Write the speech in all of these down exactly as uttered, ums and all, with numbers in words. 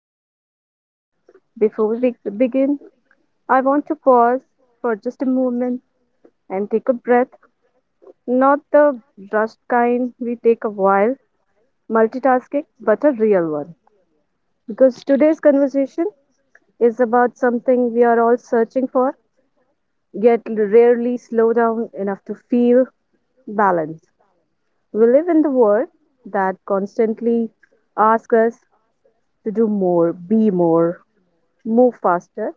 Daily Talks. Before we begin, I want to pause for just a moment and take a breath. Not the rushed kind we take a while multitasking, but a real one. Because today's conversation is about something we are all searching for, yet rarely slow down enough to feel balance. We live in the world that constantly asks us to do more, be more, move faster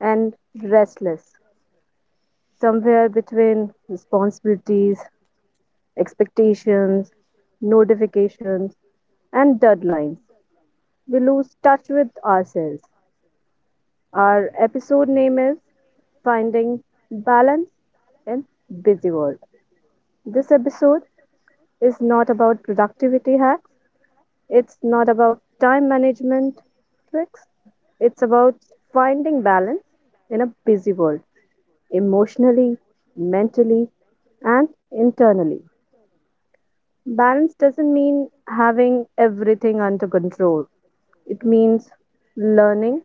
and restless, somewhere between responsibilities, expectations, notifications, and deadlines. We lose touch with ourselves. Our episode name is Finding Balance in Busy World. This episode is not about productivity hacks, it's not about time management tricks, it's about finding balance in a busy world. Emotionally, mentally, and internally. Balance doesn't mean having everything under control, it means learning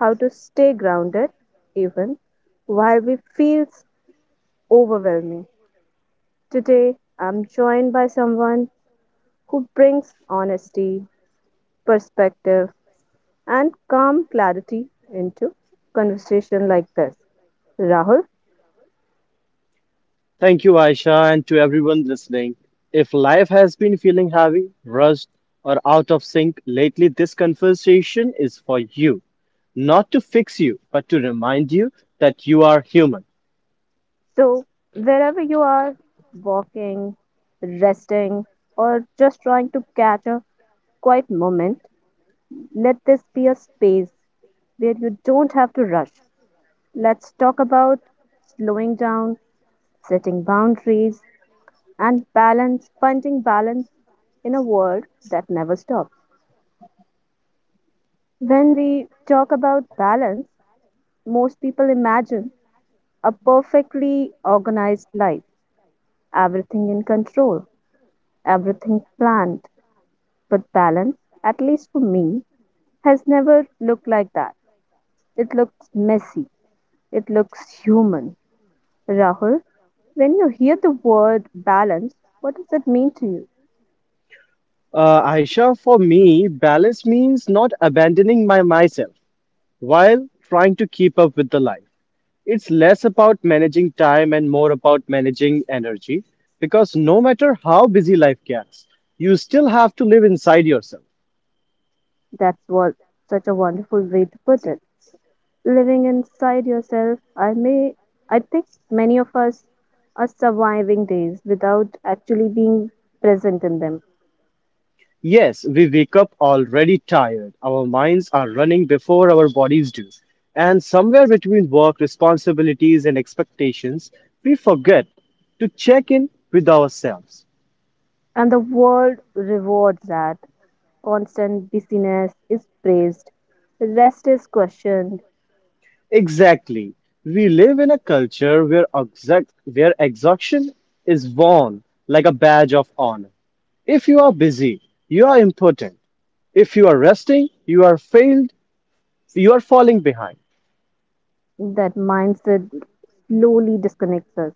how to stay grounded even while we feels overwhelming. Today, I'm joined by someone who brings honesty, perspective, and calm clarity into conversation like this. Rahul. Thank you, Aisha, and to everyone listening. If life has been feeling heavy, rushed, or out of sync lately, this conversation is for you. Not to fix you, but to remind you that you are human. So, wherever you are walking, resting, or just trying to catch a quiet moment, let this be a space where you don't have to rush. Let's talk about slowing down, setting boundaries, and balance, finding balance in a world that never stops. When we talk about balance, most people imagine a perfectly organized life, everything in control, everything planned. But balance, at least for me, has never looked like that. It looks messy. It looks human. Rahul, when you hear the word balance, what does it mean to you? Uh, Aisha, for me, balance means not abandoning my myself while trying to keep up with the life. It's less about managing time and more about managing energy because no matter how busy life gets, you still have to live inside yourself. That's what such a wonderful way to put it. Living inside yourself, I may I think many of us are surviving days without actually being present in them. Yes, we wake up already tired. Our minds are running before our bodies do. And somewhere between work, responsibilities, and expectations, we forget to check in with ourselves. And the world rewards that. Constant busyness is praised. Rest is questioned. Exactly. We live in a culture where, exact, where exhaustion is worn like a badge of honor. If you are busy, you are important. If you are resting, you are failed, you are falling behind. That mindset slowly disconnects us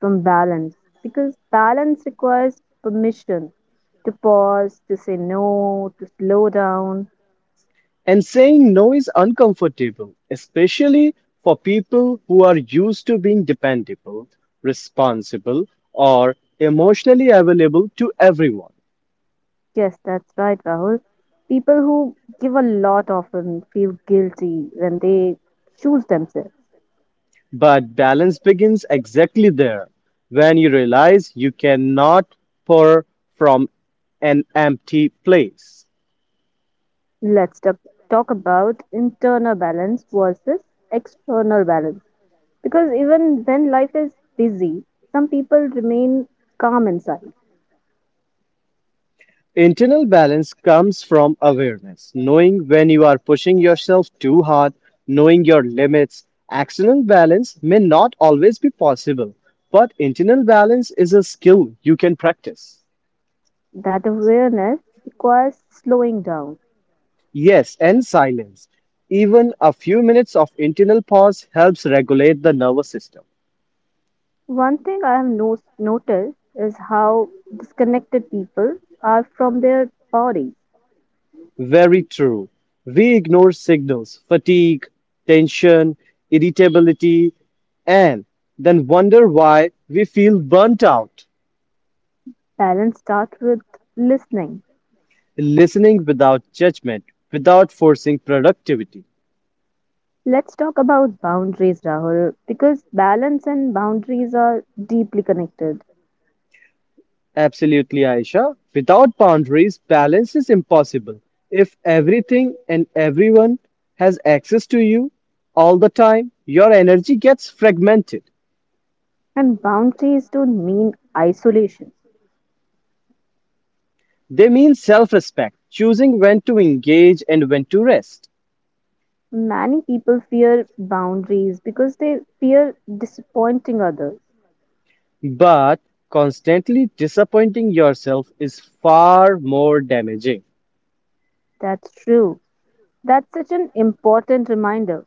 from balance because balance requires permission to pause, to say no, to slow down. And saying no is uncomfortable, especially for people who are used to being dependable, responsible, or emotionally available to everyone. Yes, that's right, Rahul. People who give a lot often feel guilty when they choose themselves. But balance begins exactly there when you realize you cannot pour from an empty place. Let's talk, talk about internal balance versus external balance because even when life is busy, some people remain calm inside. Internal balance comes from awareness, knowing when you are pushing yourself too hard, knowing your limits. External balance may not always be possible, but internal balance is a skill you can practice. That awareness requires slowing down. Yes, and silence. Even a few minutes of internal pause helps regulate the nervous system. One thing I have no- noticed is how disconnected people are from their bodies. Very true. We ignore signals, fatigue, tension, irritability, and then wonder why we feel burnt out. Balance starts with listening. Listening without judgment, without forcing productivity. Let's talk about boundaries, Rahul, because balance and boundaries are deeply connected. Absolutely, Aisha. Without boundaries, balance is impossible. If everything and everyone has access to you all the time, your energy gets fragmented. And boundaries don't mean isolation. They mean self respect, choosing when to engage and when to rest. Many people fear boundaries because they fear disappointing others. But constantly disappointing yourself is far more damaging. That's true. That's such an important reminder.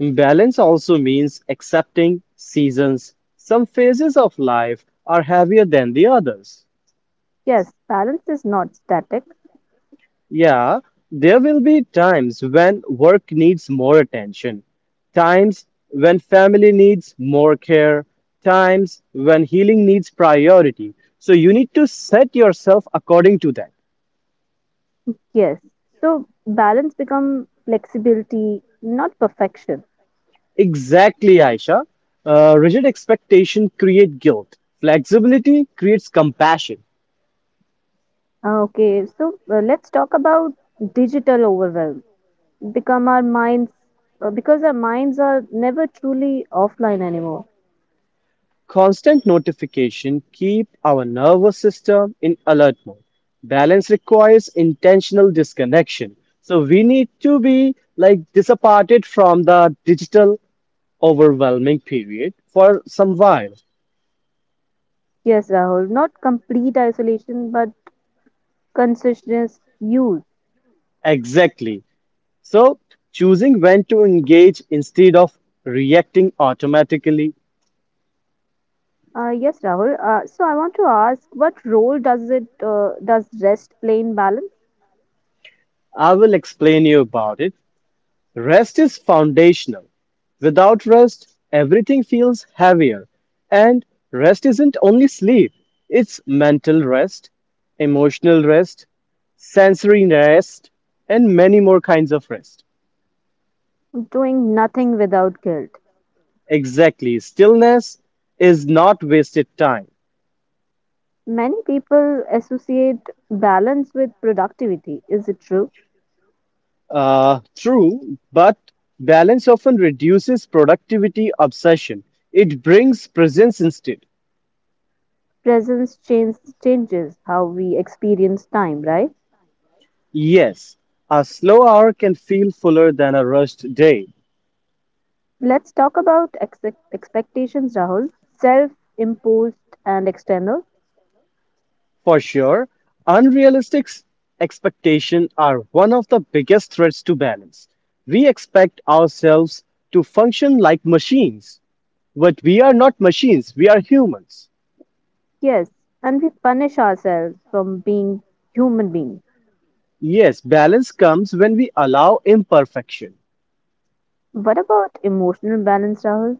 Balance also means accepting seasons. Some phases of life are heavier than the others. Yes, balance is not static. Yeah, there will be times when work needs more attention, times when family needs more care, times when healing needs priority. So you need to set yourself according to that. Yes. So balance become flexibility, not perfection. Exactly, Aisha. Uh, rigid expectation create guilt. Flexibility creates compassion. Ah, okay, so uh, let's talk about digital overwhelm. Become our minds, uh, because our minds are never truly offline anymore. Constant notification keep our nervous system in alert mode. Balance requires intentional disconnection. So we need to be like disappointed from the digital overwhelming period for some while. Yes, Rahul, not complete isolation but conscious use. Exactly. So choosing when to engage instead of reacting automatically. Uh, yes, Rahul. Uh, so I want to ask, what role does it uh, does rest play in balance? I will explain you about it. Rest is foundational. Without rest, everything feels heavier. And rest isn't only sleep, it's mental rest, emotional rest, sensory rest, and many more kinds of rest. Doing nothing without guilt. Exactly. Stillness is not wasted time. Many people associate balance with productivity. Is it true? Uh, true, but balance often reduces productivity obsession. It brings presence instead. Presence change, changes how we experience time, right? Yes, a slow hour can feel fuller than a rushed day. Let's talk about ex- expectations, Rahul. Self imposed and external. For sure, unrealistic s- expectations are one of the biggest threats to balance. We expect ourselves to function like machines, but we are not machines, we are humans. Yes, and we punish ourselves from being human beings. Yes, balance comes when we allow imperfection. What about emotional balance, Rahul?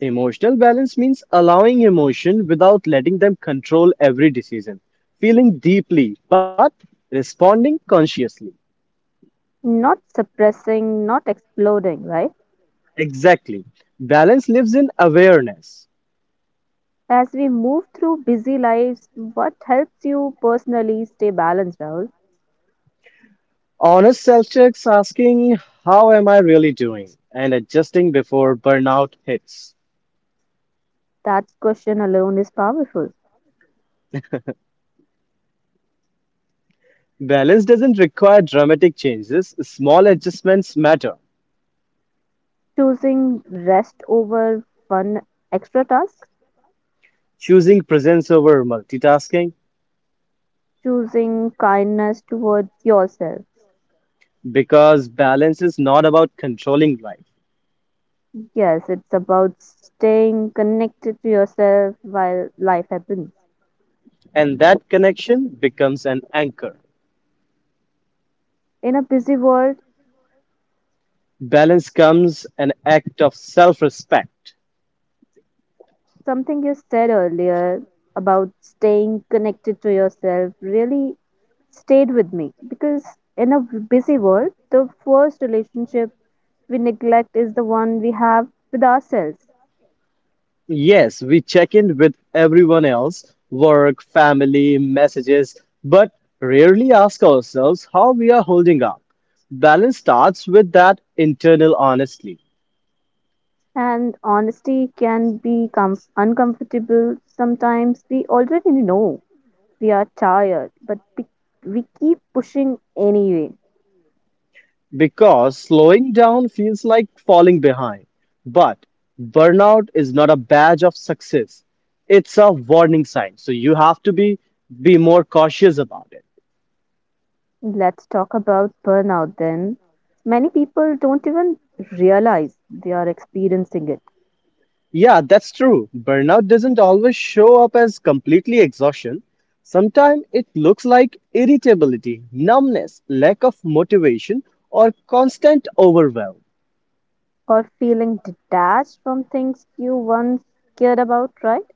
Emotional balance means allowing emotion without letting them control every decision, feeling deeply but responding consciously. Not suppressing, not exploding, right? Exactly. Balance lives in awareness. As we move through busy lives, what helps you personally stay balanced, Rahul? Honest self checks asking, how am I really doing? And adjusting before burnout hits. That question alone is powerful. Balance doesn't require dramatic changes, small adjustments matter. Choosing rest over one extra task, Choosing presence over multitasking choosing kindness toward yourself. because balance is not about controlling life, Yes, it's about staying connected to yourself while life happens. and that connection becomes an anchor. In a busy world, Balance comes an act of self respect. something you said earlier about staying connected to yourself really stayed with me because in a busy world, the first relationship we neglect is the one we have with ourselves. Yes, we check in with everyone else, work, family, messages, but rarely ask ourselves how we are holding up. Balance starts with that internal honesty And honesty can be com- uncomfortable sometimes. We already know we are tired, but we, we keep pushing anyway. because slowing down feels like falling behind. But burnout is not a badge of success, it's a warning sign. So you have to be, be more cautious about it. Let's talk about burnout then. Many people don't even realize they are experiencing it, Yeah, that's true. Burnout doesn't always show up as completely exhaustion. Sometimes it looks like irritability, numbness, lack of motivation, or constant overwhelm. or feeling detached from things you once cared about, right?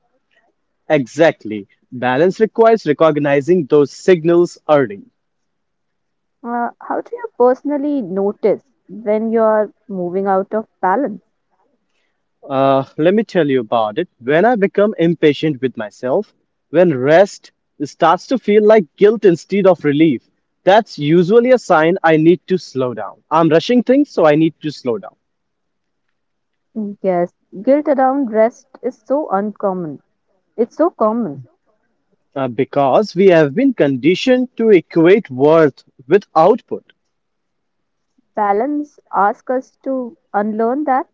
Exactly. Balance requires recognizing those signals early. Uh, how do you personally notice when you are moving out of balance? Uh, let me tell you about it. When I become impatient with myself, when rest starts to feel like guilt instead of relief, that's usually a sign I need to slow down. I'm rushing things, so I need to slow down. Yes, guilt around rest is so uncommon. It's so common. Uh, because we have been conditioned to equate worth with output. Balance asks us to unlearn that.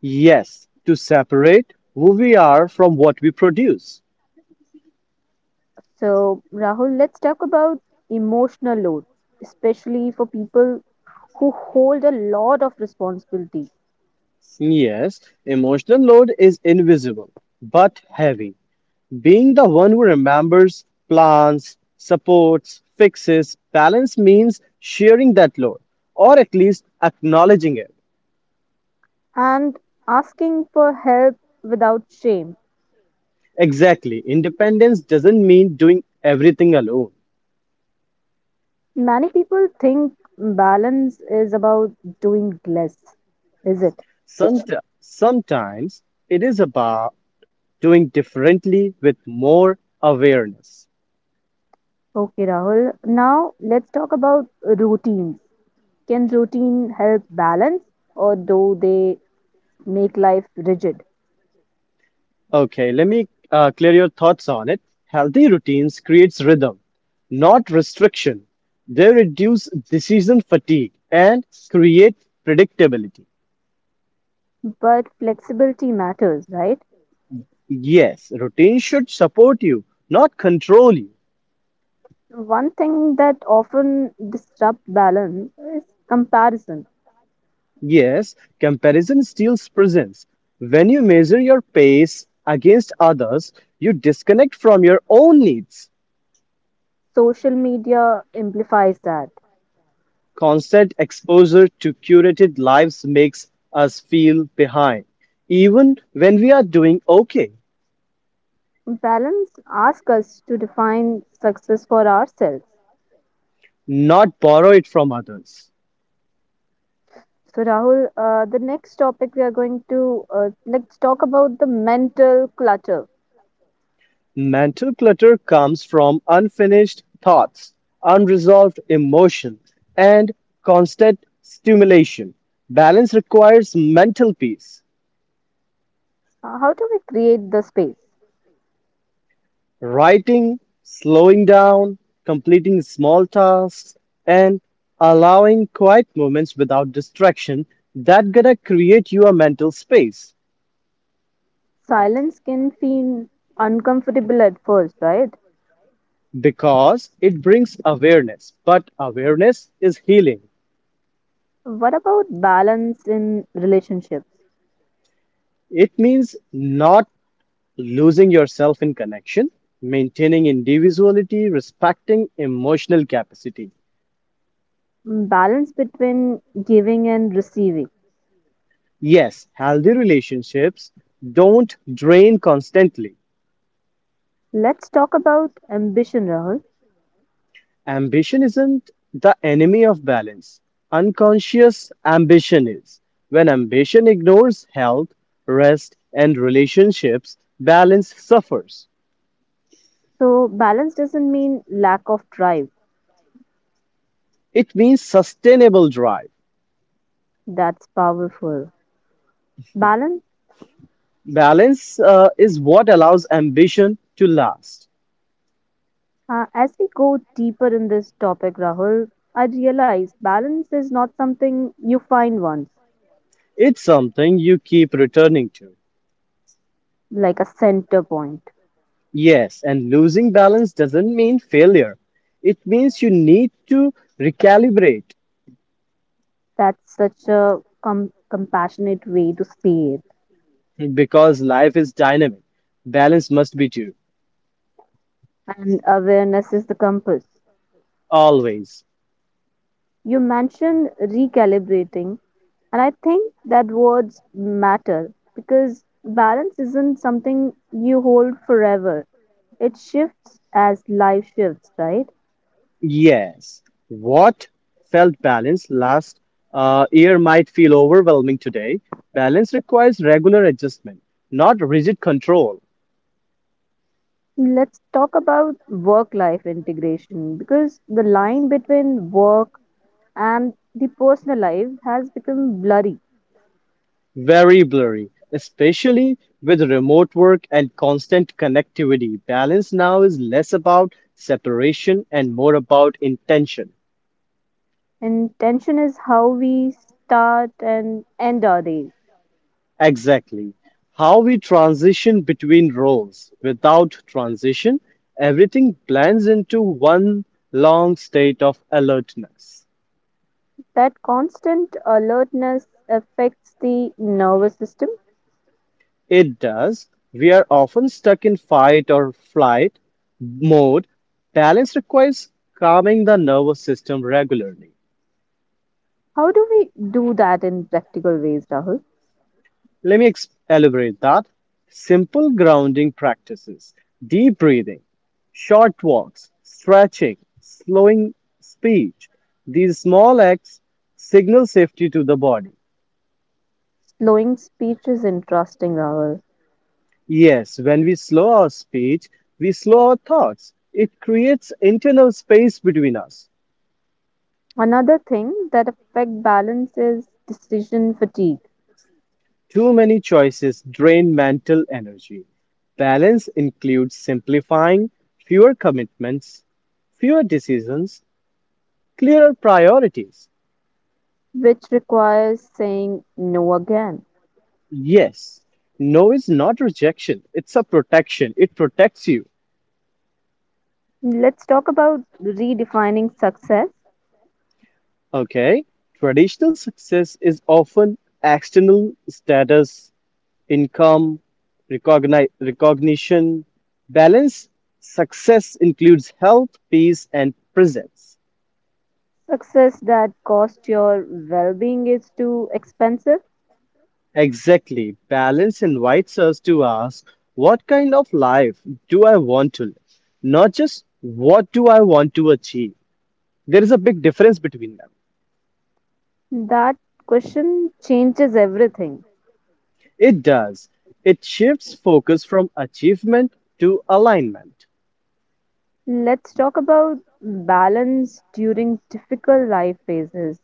Yes, to separate who we are from what we produce. So, Rahul, let's talk about emotional load, especially for people who hold a lot of responsibility. Yes, emotional load is invisible but heavy. Being the one who remembers, plans, supports, fixes, balance means sharing that load or at least acknowledging it. And asking for help without shame. Exactly, independence doesn't mean doing everything alone. Many people think balance is about doing less, is it? Somet- Sometimes it is about doing differently with more awareness. Okay, Rahul. Now let's talk about routines. Can routine help balance, or do they make life rigid? Okay, let me uh, clear your thoughts on it. Healthy routines creates rhythm, not restriction. They reduce decision fatigue and create predictability. But flexibility matters, right? Yes, routine should support you, not control you. One thing that often disrupts balance is comparison. Yes, comparison steals presence. When you measure your pace against others, you disconnect from your own needs. Social media amplifies that. Constant exposure to curated lives makes us feel behind, even when we are doing okay, Balance asks us to define success for ourselves. not borrow it from others. So Rahul, uh, the next topic we are going to uh, let's talk about the mental clutter. Mental clutter comes from unfinished thoughts, unresolved emotions, and constant stimulation. Balance requires mental peace. Uh, how do we create the space? Writing, slowing down, completing small tasks, and allowing quiet moments without distraction that gonna create you a mental space Silence can feel uncomfortable at first, right? because it brings awareness. But awareness is healing. What about balance in relationships? It means not losing yourself in connection, maintaining individuality, respecting emotional capacity. Mm, Balance between giving and receiving. Yes, healthy relationships don't drain constantly. Let's talk about ambition, Rahul. Ambition isn't the enemy of balance. Unconscious ambition is. When ambition ignores health, rest, and relationships, balance suffers. So, balance doesn't mean lack of drive. It means sustainable drive. That's powerful. Balance, Balance uh, is what allows ambition to last. uh, as we go deeper in this topic, Rahul, I realize balance is not something you find once, It's something you keep returning to. like a center point. Yes, and losing balance doesn't mean failure. It means you need to recalibrate That's such a com- compassionate way to say it because life is dynamic. Balance must be too. and awareness is the compass. Always. You mentioned recalibrating, and I think that words matter because balance isn't something you hold forever. It shifts as life shifts, right? Yes. What felt balanced last uh, year might feel overwhelming today. Balance requires regular adjustment, not rigid control. Let's talk about work life integration because the line between work and the personal life has become blurry, Very blurry, especially with remote work and constant connectivity. Balance now is less about separation and more about intention. and tension is how we start and end our days. Exactly. How we transition between roles. Without transition, everything blends into one long state of alertness. That constant alertness affects the nervous system. It does. We are often stuck in fight or flight mode. Balance requires calming the nervous system regularly. How do we do that in practical ways, Rahul? Let me ex- elaborate that. Simple grounding practices, deep breathing, short walks, stretching, slowing speech. These small acts signal safety to the body. Slowing speech is interesting, Rahul. Yes, when we slow our speech, we slow our thoughts. It creates internal space between us. Another thing that affect balance is decision fatigue. Too many choices drain mental energy. Balance includes simplifying, fewer commitments, fewer decisions, clearer priorities. Which requires saying no again. Yes. No is not rejection, it's a protection. It protects you. Let's talk about redefining success. Okay? Traditional success is often external status, income, recogni- recognition. Balanced success includes health, peace, and presence. Success that costs your well being is too expensive. Exactly. Balance invites us to ask what kind of life do I want to live? Not just what do I want to achieve? There is a big difference between them. That question changes everything. It does. It shifts focus from achievement to alignment. Let's talk about balance during difficult life phases: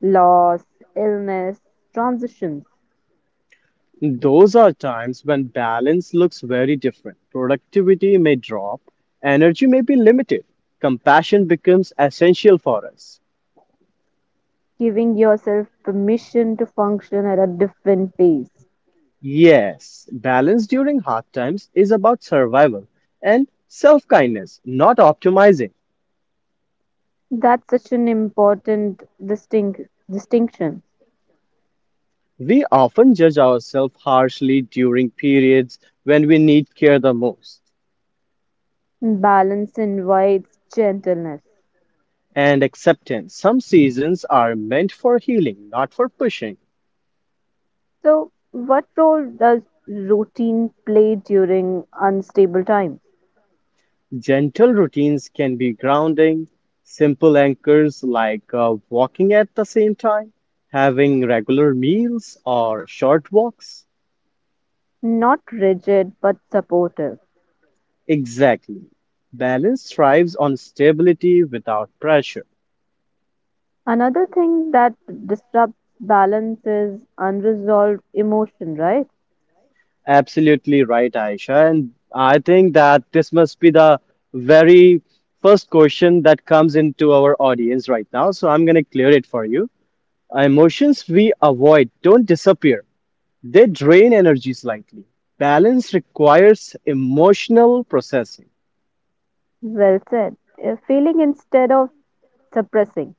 loss, illness, transitions. Those are times when balance looks very different. Productivity may drop, energy may be limited, compassion becomes essential for us. Giving yourself permission to function at a different pace. Yes, balance during hard times is about survival and self kindness, not optimizing. That's such an important distinct, distinction. We often judge ourselves harshly during periods when we need care the most. Balance invites gentleness. And acceptance. Some seasons are meant for healing, not for pushing. So, what role does routine play during unstable times? Gentle routines can be grounding, simple anchors like uh, walking at the same time, having regular meals, or short walks. Not rigid, but supportive. Exactly. Balance thrives on stability without pressure. Another thing that disrupts balance is unresolved emotion, right? Absolutely right, Aisha. And I think that this must be the very first question that comes into our audience right now. So I'm going to clear it for you. Emotions we avoid don't disappear, they drain energy slightly. Balance requires emotional processing. Well said. Uh, Feeling instead of suppressing,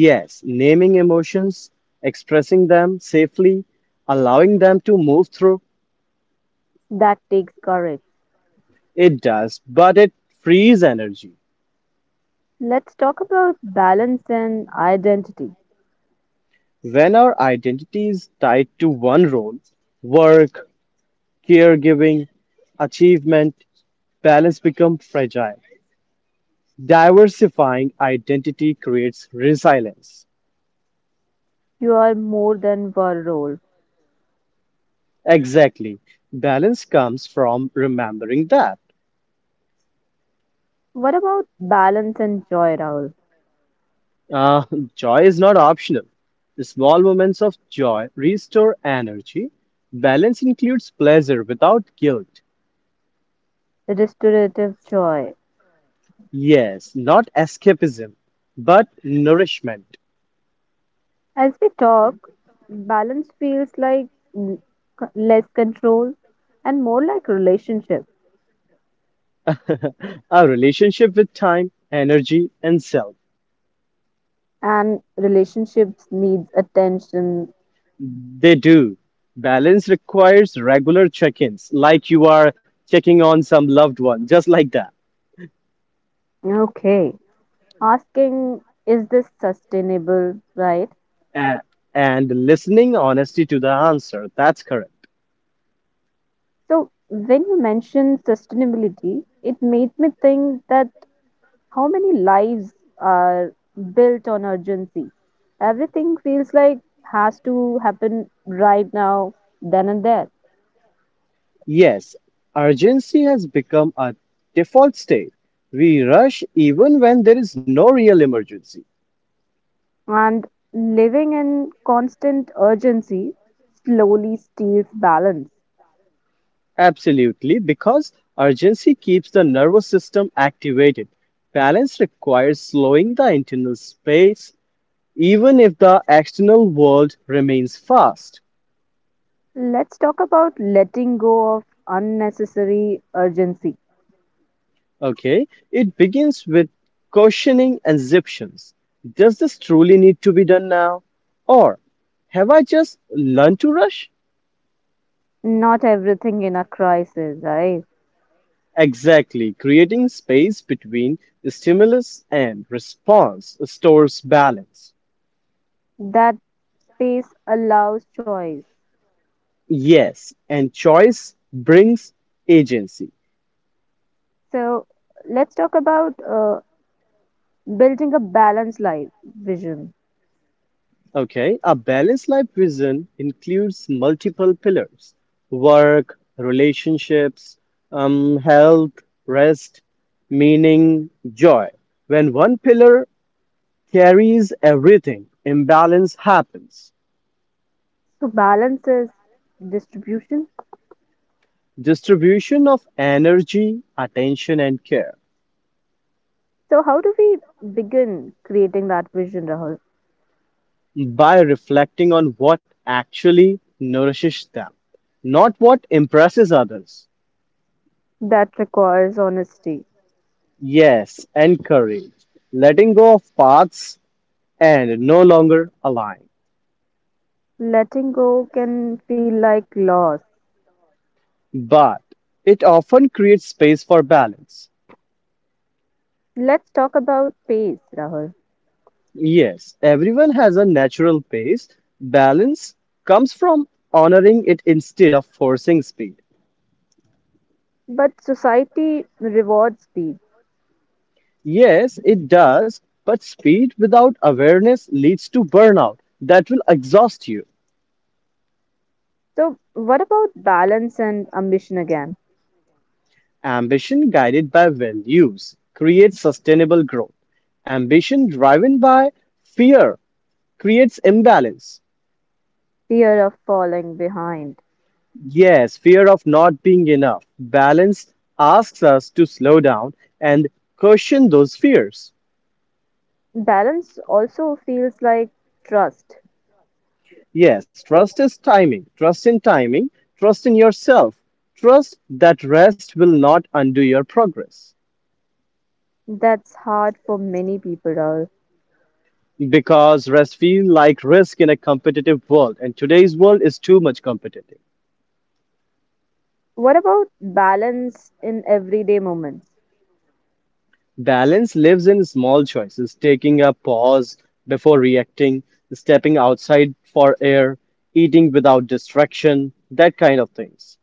Yes, naming emotions, expressing them safely, allowing them to move through, that takes courage. it does, but it frees energy. Let's talk about balance and identity. When our identity is tied to one role work, caregiving, achievement, balance becomes fragile. Diversifying identity creates resilience. You are more than one role. Exactly. Balance comes from remembering that What about balance and joy, Rahul? uh, joy is not optional. Small moments of joy restore energy. Balance includes pleasure without guilt. Restorative joy. Yes, not escapism, but nourishment. As we talk, balance feels like mm, c- less control and more like relationship. Our relationship with time, energy, and self. And relationships needs attention. They do. Balance requires regular check ins, like you are checking on some loved one, just like that. Okay. Asking, is this sustainable, right? A- and listening honesty to the answer. That's correct. So, when you mentioned sustainability, it made me think that how many lives are built on urgency. Everything feels like has to happen right now, then and there. Yes, urgency has become a default state. We rush even when there is no real emergency. And living in constant urgency slowly steals balance. Absolutely, because urgency keeps the nervous system activated. Balance requires slowing the internal space, even if the external world remains fast. Let's talk about letting go of unnecessary urgency. Okay, it begins with questioning assumptions. Does this truly need to be done now? Or have I just learned to rush? Not everything in a crisis, right? Exactly, creating space between stimulus and response stores balance. That space allows choice. Yes, and choice brings agency. So let's talk about uh, building a balanced life vision. Okay, a balanced life vision includes multiple pillars work, relationships, um, health, rest, meaning, joy. When one pillar carries everything, imbalance happens. So, balance is distribution. Distribution of energy, attention, and care So, how do we begin creating that vision, Rahul? by reflecting on what actually nourishes them, not what impresses others. That requires honesty. Yes, and courage. Letting go of paths and no longer align. Letting go can feel like loss. But it often creates space for balance. Let's talk about pace, Rahul. Yes, everyone has a natural pace. Balance comes from honoring it instead of forcing speed. But society rewards speed. Yes, it does, but speed without awareness leads to burnout that will exhaust you. So, what about balance and ambition again? Ambition guided by values creates sustainable growth. Ambition driven by fear creates imbalance. Fear of falling behind. Yes, fear of not being enough. Balance asks us to slow down and question those fears. Balance also feels like trust. Yes, trust is timing. Trust in timing. Trust in yourself. Trust that rest will not undo your progress. That's hard for many people, Rahul. Because rest feels like risk in a competitive world, and today's world is too much competitive. What about balance in everyday moments, Balance lives in small choices, taking a pause before reacting, stepping outside for air, eating without distraction, that kind of things.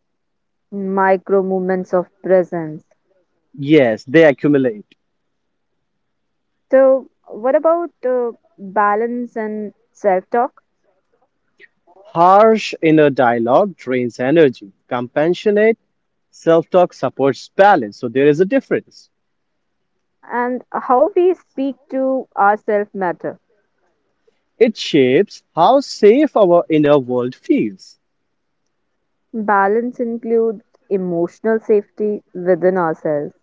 micro moments of presence? Yes, they accumulate. So, what about uh, balance and self talk? Harsh inner dialogue drains energy. Compassionate self talk supports balance. So there is a difference. And how we speak to ourselves matter. It shapes how safe our inner world feels. Balance includes emotional safety within ourselves.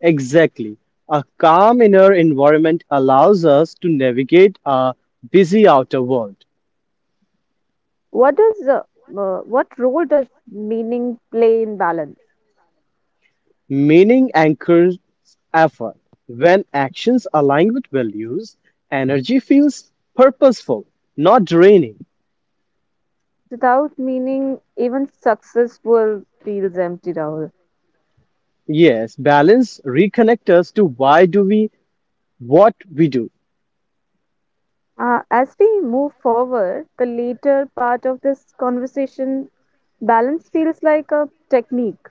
Exactly. A calm inner environment allows us to navigate a busy outer world. What does uh, uh, what role does meaning play in balance? Meaning anchors effort. When actions align with values, energy feels purposeful, not draining. Without meaning, even success will feels empty, Rahul. Yes, balance reconnect us to why do we what we do Uh, as we move forward, the later part of this conversation, balance feels like a technique,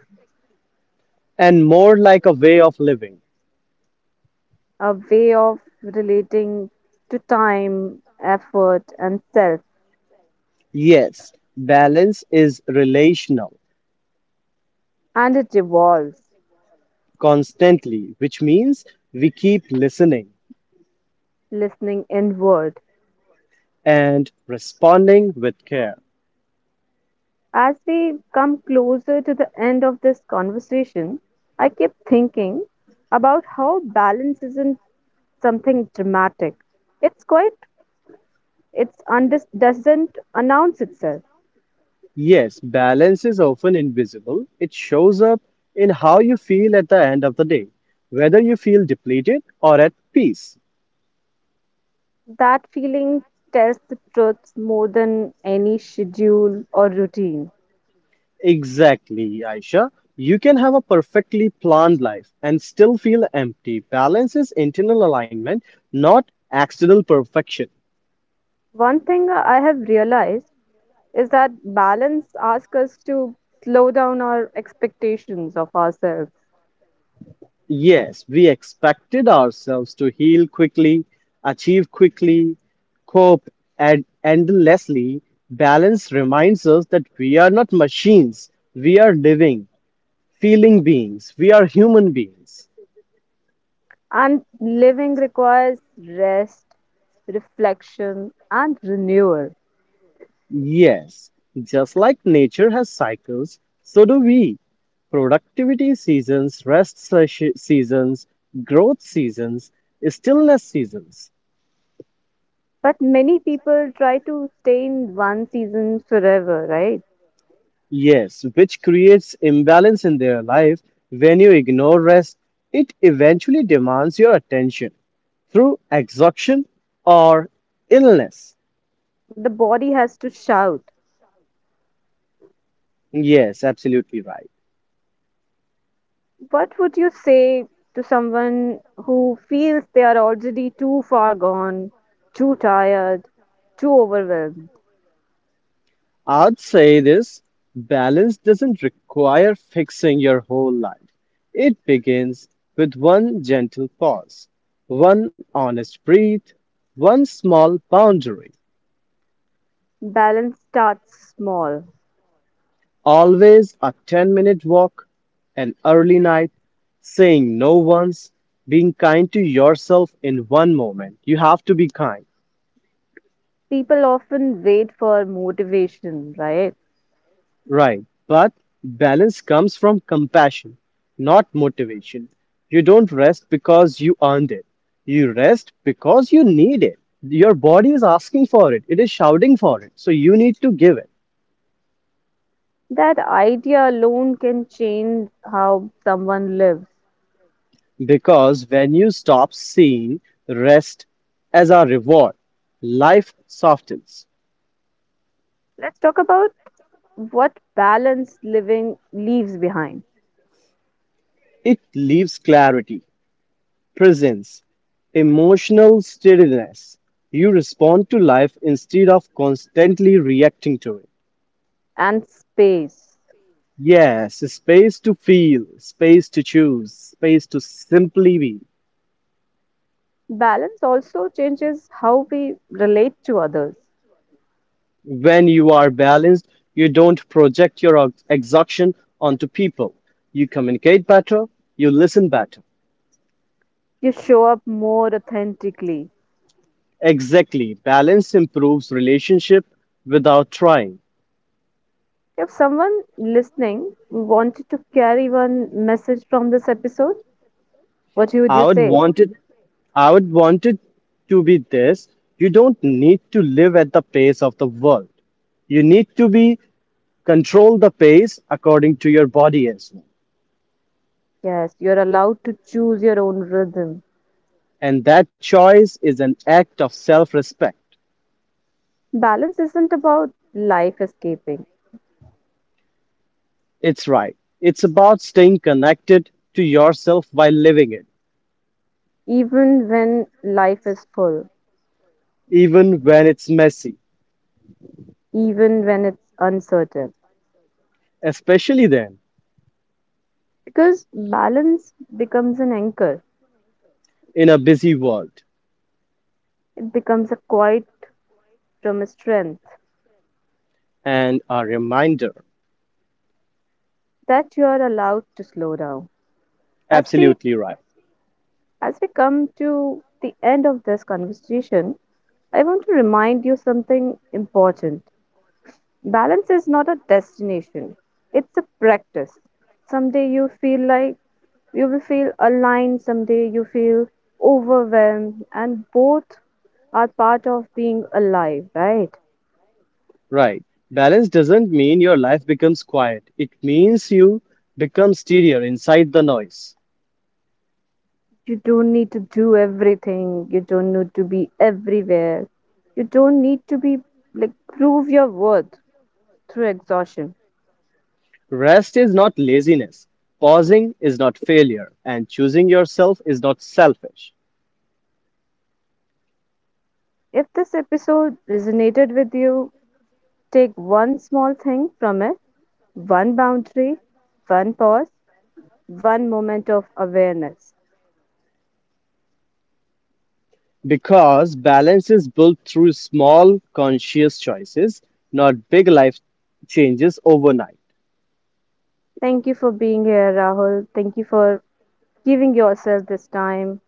and more like a way of living. a way of relating to time, effort, and self, Yes, balance is relational and it evolves, constantly, which means we keep listening listening inward. and responding with care. As we come closer to the end of this conversation, I keep thinking about how balance isn't something dramatic. It's quite It undis doesn't announce itself. Yes, balance is often invisible. It shows up in how you feel at the end of the day, whether you feel depleted or at peace. That feeling tells the truth more than any schedule or routine. Exactly, Aisha. You can have a perfectly planned life and still feel empty. Balance is internal alignment, not external perfection. One thing I have realized is that balance asks us to slow down our expectations of ourselves. Yes, we expected ourselves to heal quickly, achieve quickly, cope and endlessly. Balance reminds us that we are not machines. We are living, feeling beings. We are human beings. And living requires rest, reflection, and renewal. Yes, just like nature has cycles, so do we. Productivity seasons, rest se- seasons, growth seasons, stillness seasons. But many people try to stay in one season forever, right? Yes, which creates imbalance in their life. When you ignore rest, it eventually demands your attention through exhaustion or Balance listens illness. before the body has to shout. Yes, absolutely right. What would you say to someone who feels they are already too far gone, too tired, too overwhelmed? I'd say this balance doesn't require fixing your whole life. It begins with one gentle pause, one honest breath, one small boundary. Balance starts small. Always a ten minute walk, an early night, saying no once, being kind to yourself in one moment. You have to be kind, People often wait for motivation, right? right? But balance comes from compassion, not motivation. You don't rest because you earned it. You rest because you need it. Your body is asking for it, it is shouting for it. So you need to give it. That idea alone can change how someone lives. Because when you stop seeing rest as a reward, life softens. Let's talk about what balance living leaves behind. It leaves clarity, presence, emotional steadiness. You respond to life instead of constantly reacting to it. And space. Yes, space to feel, space to choose, space to simply be. Balance also changes how we relate to others. When you are balanced, you don't project your ex- exhaustion onto people. You communicate better, you listen better. You show up more authentically. Exactly, balance improves relationship without trying. If someone listening wanted to carry one message from this episode, what would you I would say? want it I would want it to be this. You don't need to live at the pace of the world. You need to be control the pace according to your body as well. Yes, you're allowed to choose your own rhythm. And that choice is an act of self-respect. Balance isn't about life escaping, It's right. It's about staying connected to yourself while living it, even when life is full, even when it's messy, even when it's uncertain. especially then Because balance becomes an anchor, in a busy world. it becomes a quiet from a strength And a reminder. that you are allowed to slow down. As we Absolutely right. as we come to the end of this conversation, I want to remind you something important. Balance is not a destination. It's a practice. Someday you feel like you will feel aligned, someday you feel overwhelmed, and both are part of being alive, right? Right. Balance doesn't mean your life becomes quiet. It means you become steadier inside the noise. You don't need to do everything. You don't need to be everywhere. You don't need to be like prove your worth through exhaustion. Rest is not laziness. Pausing is not failure. And choosing yourself is not selfish. If this episode resonated with you, take one small thing from it: one boundary, one pause, one moment of awareness. Because balance is built through small, conscious choices, not big life changes overnight. Thank you for being here, Rahul. Thank you for giving yourself this time.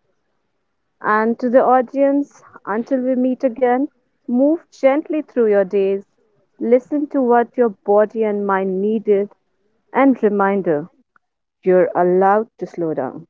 And to the audience, until we meet again, move gently through your days. Listen to what your body and mind needed, and reminder: you're allowed to slow down.